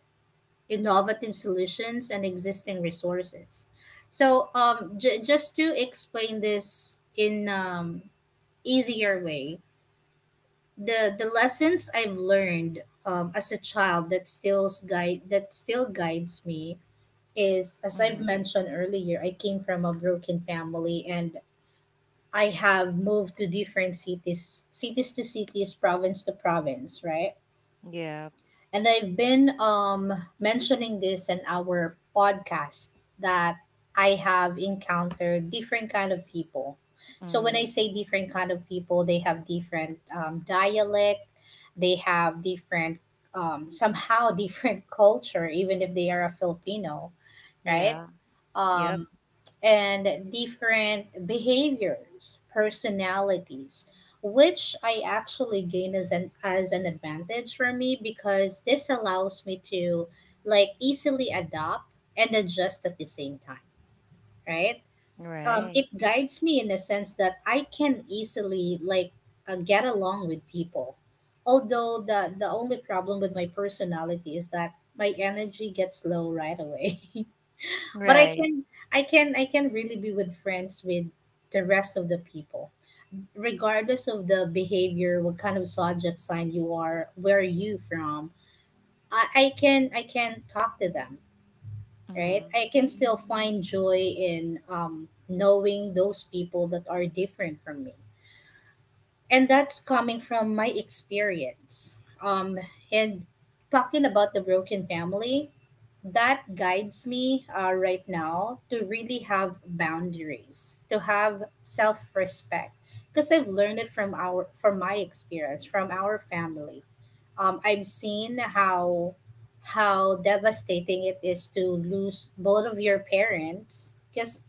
innovative solutions and existing resources. So, just to explain this in, easier way, the lessons I've learned, as a child, that still guides me is, as I've Mhm. mentioned earlier, I came from a broken family, and I have moved to different cities, cities to cities, province to province, right? Yeah. And I've been, mentioning this in our podcast, that I have encountered different kind of people. So when I Mhm. say different kind of people, they have different, dialect, they have different, somehow, different culture, even if they are a Filipino, right? Yeah. Yep. Um, and different behaviors, personalities, which I actually gain as an advantage for me because this allows me to, like, easily adopt and adjust at the same time, right? Right. It guides me in the sense that I can easily, like, get along with people. Although the only problem with my personality is that my energy gets low right away. But i Right. can i can i can really be with friends with the rest of the people regardless of the behavior, what kind of zodiac sign you are, where are you from. I can talk to them, right? Mhm. I can still find joy in, knowing those people that are different from me, and that's coming from my experience, and talking about the broken family that guides me, right now, to really have boundaries, to have self-respect, because I've learned it from our from my experience, from our family. I've seen how devastating it is to lose both of your parents because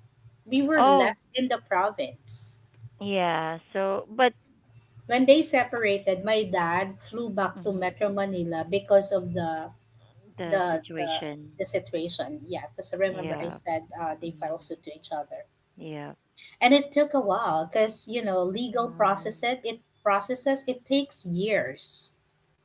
we were left Oh, in the province. yeah. So, but, When they separated, my dad flew back to mhm, Metro Manila because of the the the situation. the situation. Yeah, because I remember I Yeah. said, they filed Mm. suit to each other, Yeah. and it took a while because, you know, legal process, Mhm. it takes years,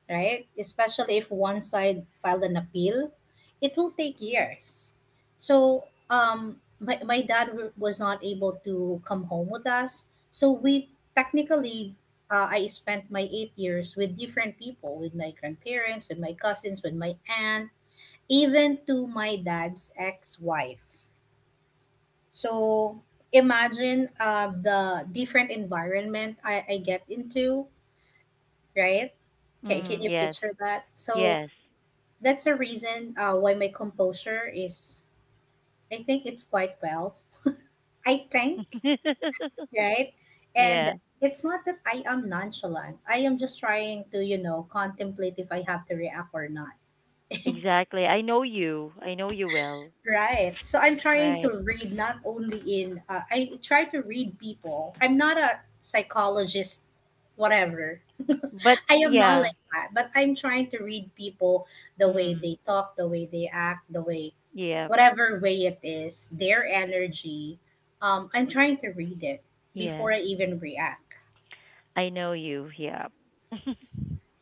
right? Especially if one side filed an appeal, it will take years. So, my dad was not able to come home with us, so we technically. I spent my 8 years with different people, with my grandparents, with my cousins, with my aunt, even to my dad's ex-wife. So imagine, the different environment I get into, right? Can Mhm. you Yes. picture that? So Yes. that's the reason, why my composure is, I think, it's quite well. I think, right? And Yeah. it's not that I am nonchalant. I am just trying to, contemplate if I have to react or not. Exactly. I know you. I know you well. Right. So I'm trying Right. to read not only in, I try to read people. I'm not a psychologist, whatever. But I am not yeah. like that, but I'm trying to read people the way Mm. they talk, the way they act, the way, Yeah. whatever way it is, their energy. I'm trying to read it Yes. before I even react. I know you. Yeah.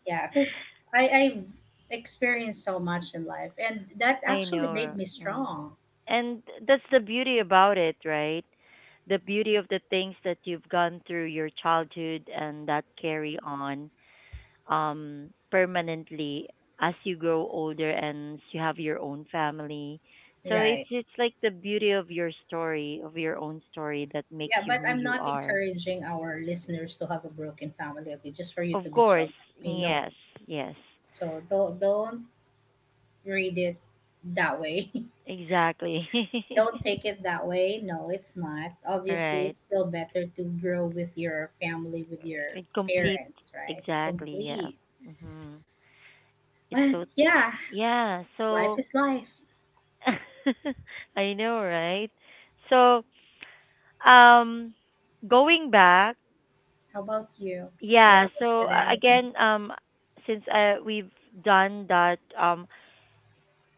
Yeah, because I've experienced so much in life, and that I actually made know. me Mm. strong. And that's the beauty about it, right? The beauty of the things that you've gone through your childhood and that carry on, permanently, as you grow older and you have your own family. So it's Right. it's like the beauty of your story, of your own story that makes Yeah, you but who I'm you not are. encouraging our listeners to have a broken family, okay? Just for you to Of be course, strong like me, no. yes, yes, So don't read it that way. exactly. Don't take it that way. No, it's not. Obviously, Right, it's still better to grow with your family, with your it complete, parents, right? exactly, yeah. Complete. Mm-hmm. It's But so yeah, yeah, life so is life. I know, right? So, um going back, How about you? You yeah, haven't so said anything. again, since we've done that,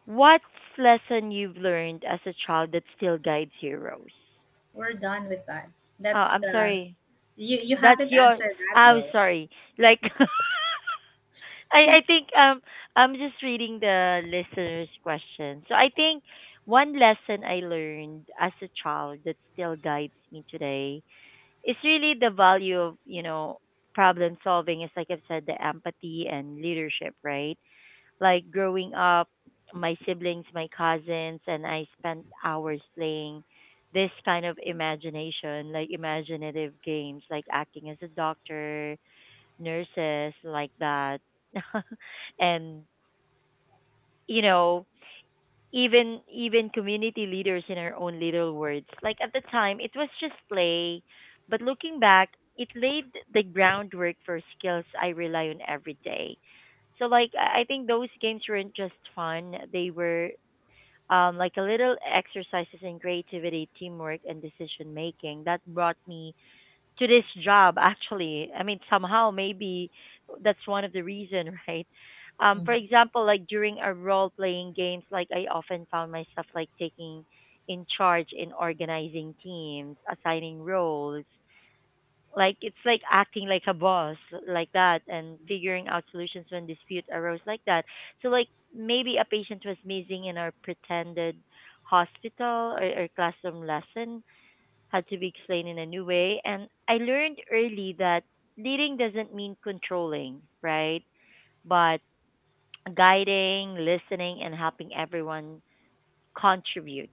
what's lesson you've learned as a child that still guides you, Rose? We're done with that. Oh, That's I'm the sorry. you. You That's haven't your answered that I'm though. sorry. Like I think I'm just reading the listener's question. So I think one lesson I learned as a child that still guides me today is really the value of, you know, problem solving, is like I've said, the empathy and leadership, right? Like growing up, my siblings, my cousins, and I spent hours playing this kind of imagination, like imaginative games, like acting as a doctor, nurses like that and you know even community leaders in our own little words. Like at the time it was just play, but looking back it laid the groundwork for skills I rely on every day. So like I think those games weren't just fun, they were like a little exercises in creativity, teamwork and decision making that brought me to this job actually. I mean somehow maybe that's one of the reason, right? Mm-hmm. for example, like during a role playing games, like I often found myself like taking in charge in organizing teams, assigning roles, like it's like acting like a boss like that, and figuring out solutions when dispute arose like that. So like maybe a patient was missing in our pretended hospital, or classroom lesson had to be explained in a new way. And I learned early that leading doesn't mean controlling, right? But guiding, listening, and helping everyone contribute.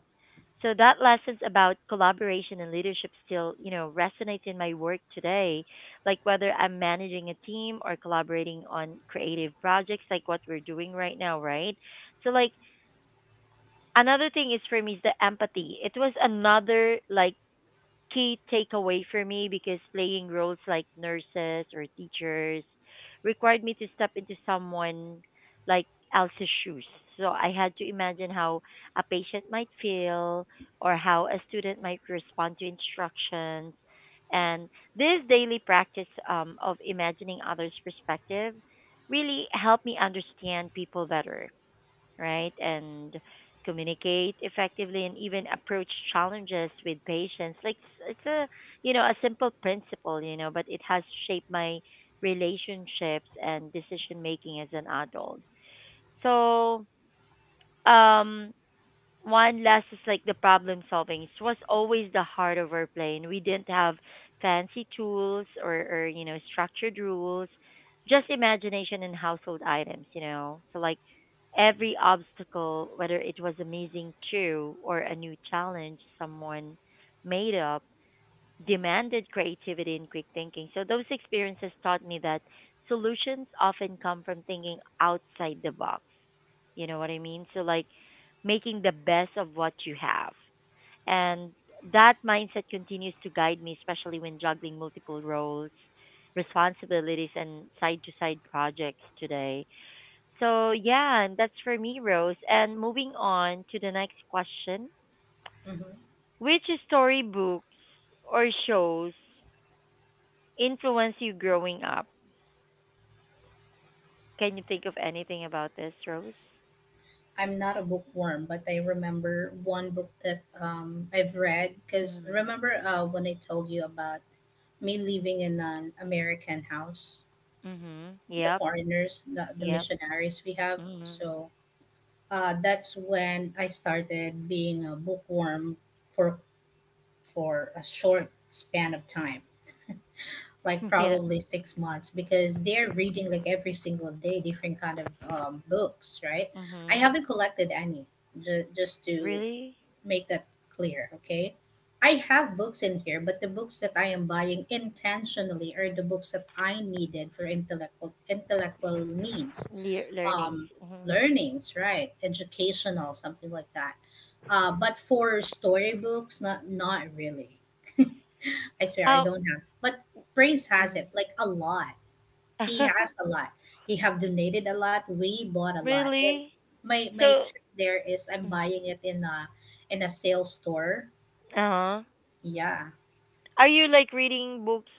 So that lessons about collaboration and leadership still, you know, resonates in my work today. Like whether I'm managing a team or collaborating on creative projects like what we're doing right now, right? So like another thing is for me is the empathy. It was another like key takeaway for me because playing roles like nurses or teachers required me to step into someone like else's shoes. So I had to imagine how a patient might feel or how a student might respond to instructions. And this daily practice, of imagining others' perspective really helped me understand people better, right? And communicate effectively and even approach challenges with patience. Like it's a, you know, a simple principle, you know, but it has shaped my relationships and decision making as an adult. So um one last is like the problem solving. It was always the heart of our plane. We didn't have fancy tools or you know structured rules, just imagination and household items. You know, so like every obstacle, whether it was amazing too or a new challenge someone made up, demanded creativity and quick thinking. So those experiences taught me that solutions often come from thinking outside the box. You know what I mean? So like making the best of what you have. And that mindset continues to guide me, especially when juggling multiple roles, responsibilities, and side to side projects today. So, yeah, and that's for me, Rose. And moving on to the next question. Mm-hmm. Which storybooks or shows influence you growing up? Can you think of anything about this, Rose? I'm not a bookworm, but I remember one book that I've read because Mm. remember when I told you about me living in an American house, Mhm. the Yep. foreigners, the Yep. missionaries we have. Mhm. So that's when I started being a bookworm for for a short span of time, like Yeah. probably 6 months, because they're reading like every single day different kind of books, right? I Mhm. haven't collected any just to Really? make that clear, okay? I have books in here, but the books that I am buying intentionally are the books that I needed for intellectual needs, Le- learnings. um, Mhm. learnings, right? Educational, something like that. But for storybooks, not really. I swear I Um. don't have. But Prince has Mm. it like a lot. He has a lot. He have donated a lot. We bought a lot. And Really? my So. trick there is I'm Mm. buying it in a sale store, Uh huh. yeah, Are you like reading books,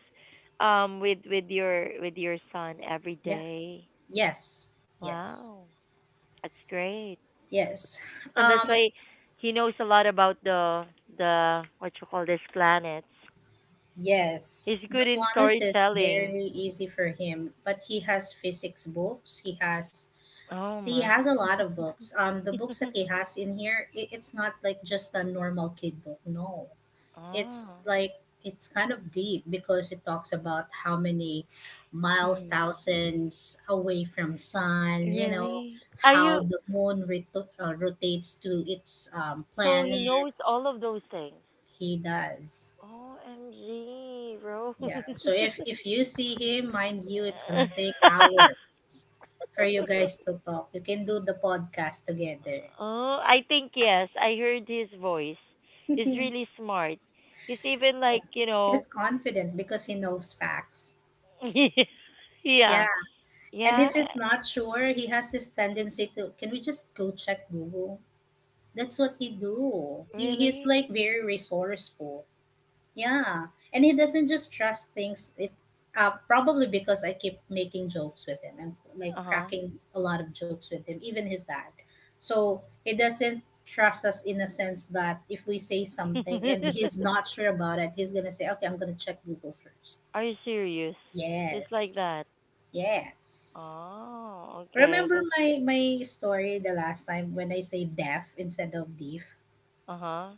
with with your son every yeah, day? yes, yes, Wow, that's great. yes. And that's Um, why he knows a lot about the what you call this, planets. yes, He's the good in planets is storytelling. very easy for him, but he has physics books. Oh He my. has a lot of books. The books that he has in here, it's not like just a normal kid book. No, it's Oh. like it's kind of deep because it talks about how many miles, Mm. thousands away from sun. You know Really? Are how you the moon rotates to its so he planet. knows all of those things? He does. OMG, Rose. Yeah. So if you see him, mind you, it's gonna take hours for you guys to talk. You can do the podcast together. Oh, I think yes. I heard his voice. He's really smart. He's even like, you know, He's confident because he knows facts. Yeah. yeah. And Yeah. if he's not sure, he has this tendency to, can we just go check Google? That's what he do. He's Really? like very resourceful. Yeah, and he doesn't just trust things. It Probably because I keep making jokes with him and like Uh huh. cracking a lot of jokes with him, even his dad. So he doesn't trust us in a sense that if we say something and he's not sure about it, he's gonna say, "Okay, I'm gonna check Google first." Are you serious? It's like Yes, that. yes. Oh, okay. Remember That's my my story the last time when I say deaf instead of deaf. uh huh.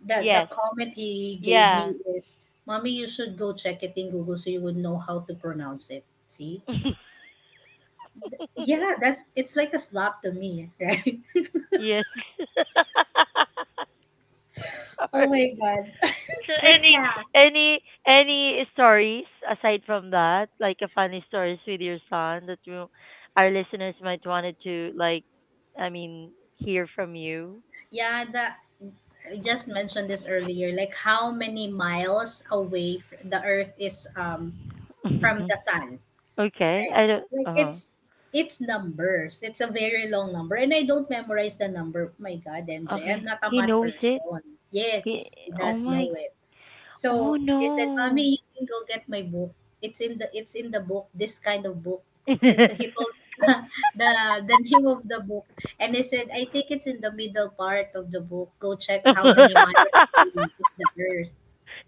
The Yes. comment he gave Yeah. me is, "Mommy, you should go check it in Google so you would know how to pronounce it." See? Yeah, that's, it's like a slap to me, right? Yes. Oh Sorry. my god. So But yeah, any any stories aside from that, like a funny stories with your son that you, our listeners might wanted to like, I mean, hear from you. yeah, that I just mentioned this earlier, like how many miles away the Earth is from Okay. the sun, I right? don't. Like Uh huh. It's numbers. It's a very long number, and I don't memorize the number. My God, MJ, am Okay. not a He math knows it. person. Ye Yes, he oh does know my. it. Oh So he said, no. "Mommy, you can go get my book. It's in the book. This kind of book." He It's told the the name of the book, and I said, "I think it's in the middle part of the book. Go check how many miles away is the Earth."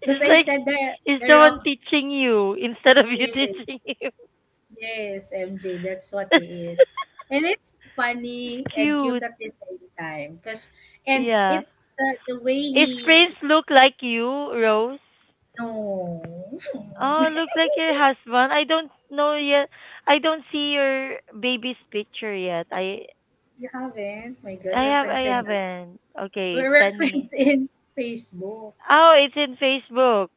Because I like said it's the the one rock. teaching you instead of you eh, teaching him. Yes, MJ, that's what he is, and it's It's funny and cute cute. at the same time. Cause and it Yeah. the, the way Is Prince he look like you, Rose? no. Oh, look like your husband. I don't know yet. I don't see your baby's picture yet. I You haven't? My God, I we're have I friends in haven't. Okay, we're send me. friends in Facebook. Oh, it's in Facebook.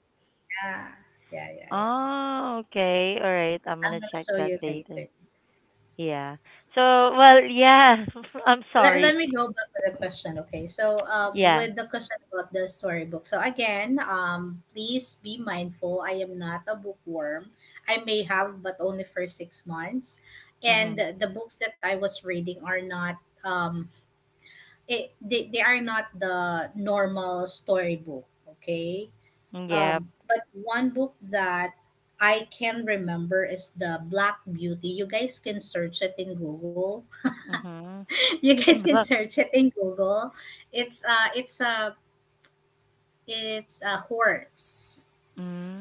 Yeah. Yeah, yeah, yeah. Oh, okay. All right. I'm I'm gonna gonna check show that you later. later. Yeah. So, well, yeah. I'm Let sorry. me go back to the question, okay? So, Yeah. with the question about the storybook. So again, please be mindful. I am not a bookworm. I may have, but only for 6 months. And Mhm. the books that I was reading are not um, they are not the normal storybook. Okay. Yep. But one book that I can remember is the Black Beauty. You guys can search it in Google. Mhm. You guys can But, search it in Google. It's uh it's a it's a horse,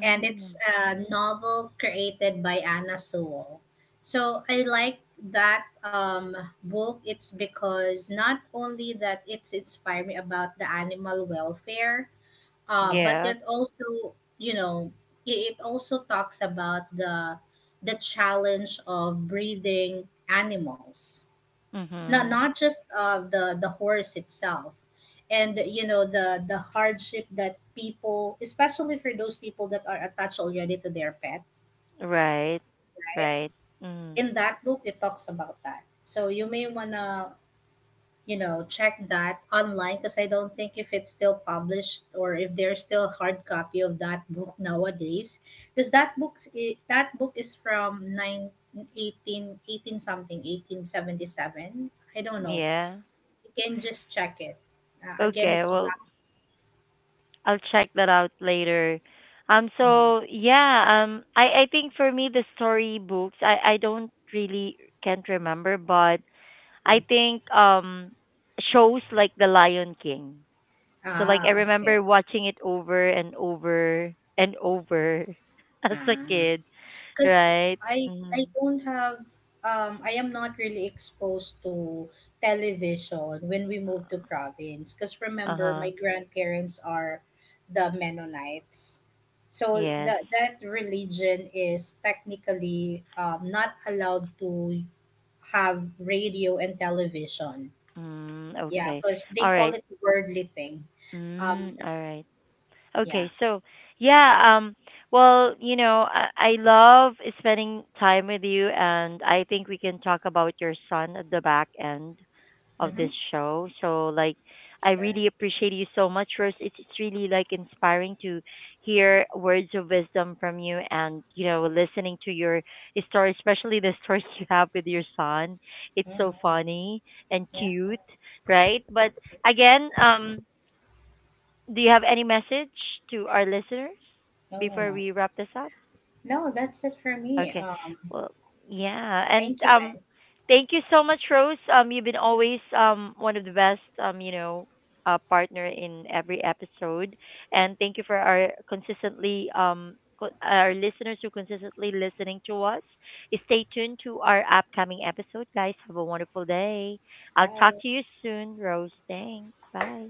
and it's a novel created by Anna Sewell. So I like that book. It's because not only that it's inspired me about the animal welfare, but yep. it also, you know, it also talks about the challenge of breeding animals, Mhm. not just the horse itself, and you know the hardship that people, especially for those people that are attached already to their pet. Right. Right. Mm. In that book it talks about that, so you may wanna, you know, check that online because I don't think if it's still published or if there's still a hard copy of that book nowadays. Because that book is from 9 1818 something, 1877. I don't know. Yeah. You can just check it. Again, Okay. it's Well, black. I'll check that out later. Yeah. So yeah. I think for me the story books. I don't really can't remember, but Yeah. I think shows like The Lion King. So like I Ah, okay. remember watching it over and over and over as a Ah. kid, Because right? I Mm-hmm. don't have I am not really exposed to television when we moved to province because Uh remember huh. my grandparents are the Mennonites, so Yes. That religion is technically not allowed to have radio and television, Mm, yeah, okay. because they All call right. it worldly thing. Um, Mm, all right. yeah. Okay, so yeah, well, you know, I love spending time with you, and I think we can talk about your son at the back end of Mm-hmm. this show. So, like, I Sure. really appreciate you so much, Rose. It's really like inspiring to hear words of wisdom from you, and you know, listening to your story, especially the stories you have with your son. It's so Mm-hmm. funny and Yeah. cute, right? But again, do you have any message to our listeners No, no, before no, we wrap this up? no, that's it for me. Okay. Um, Well, yeah, and thank you, guys. thank you so much, Rose. You've been always one of the best um, you know, partner in every episode, and thank you for our consistently our listeners who consistently listening to us. Stay tuned to our upcoming episode, guys. Have a wonderful day. I'll talk Bye. to you soon, Rose. Thanks. Bye.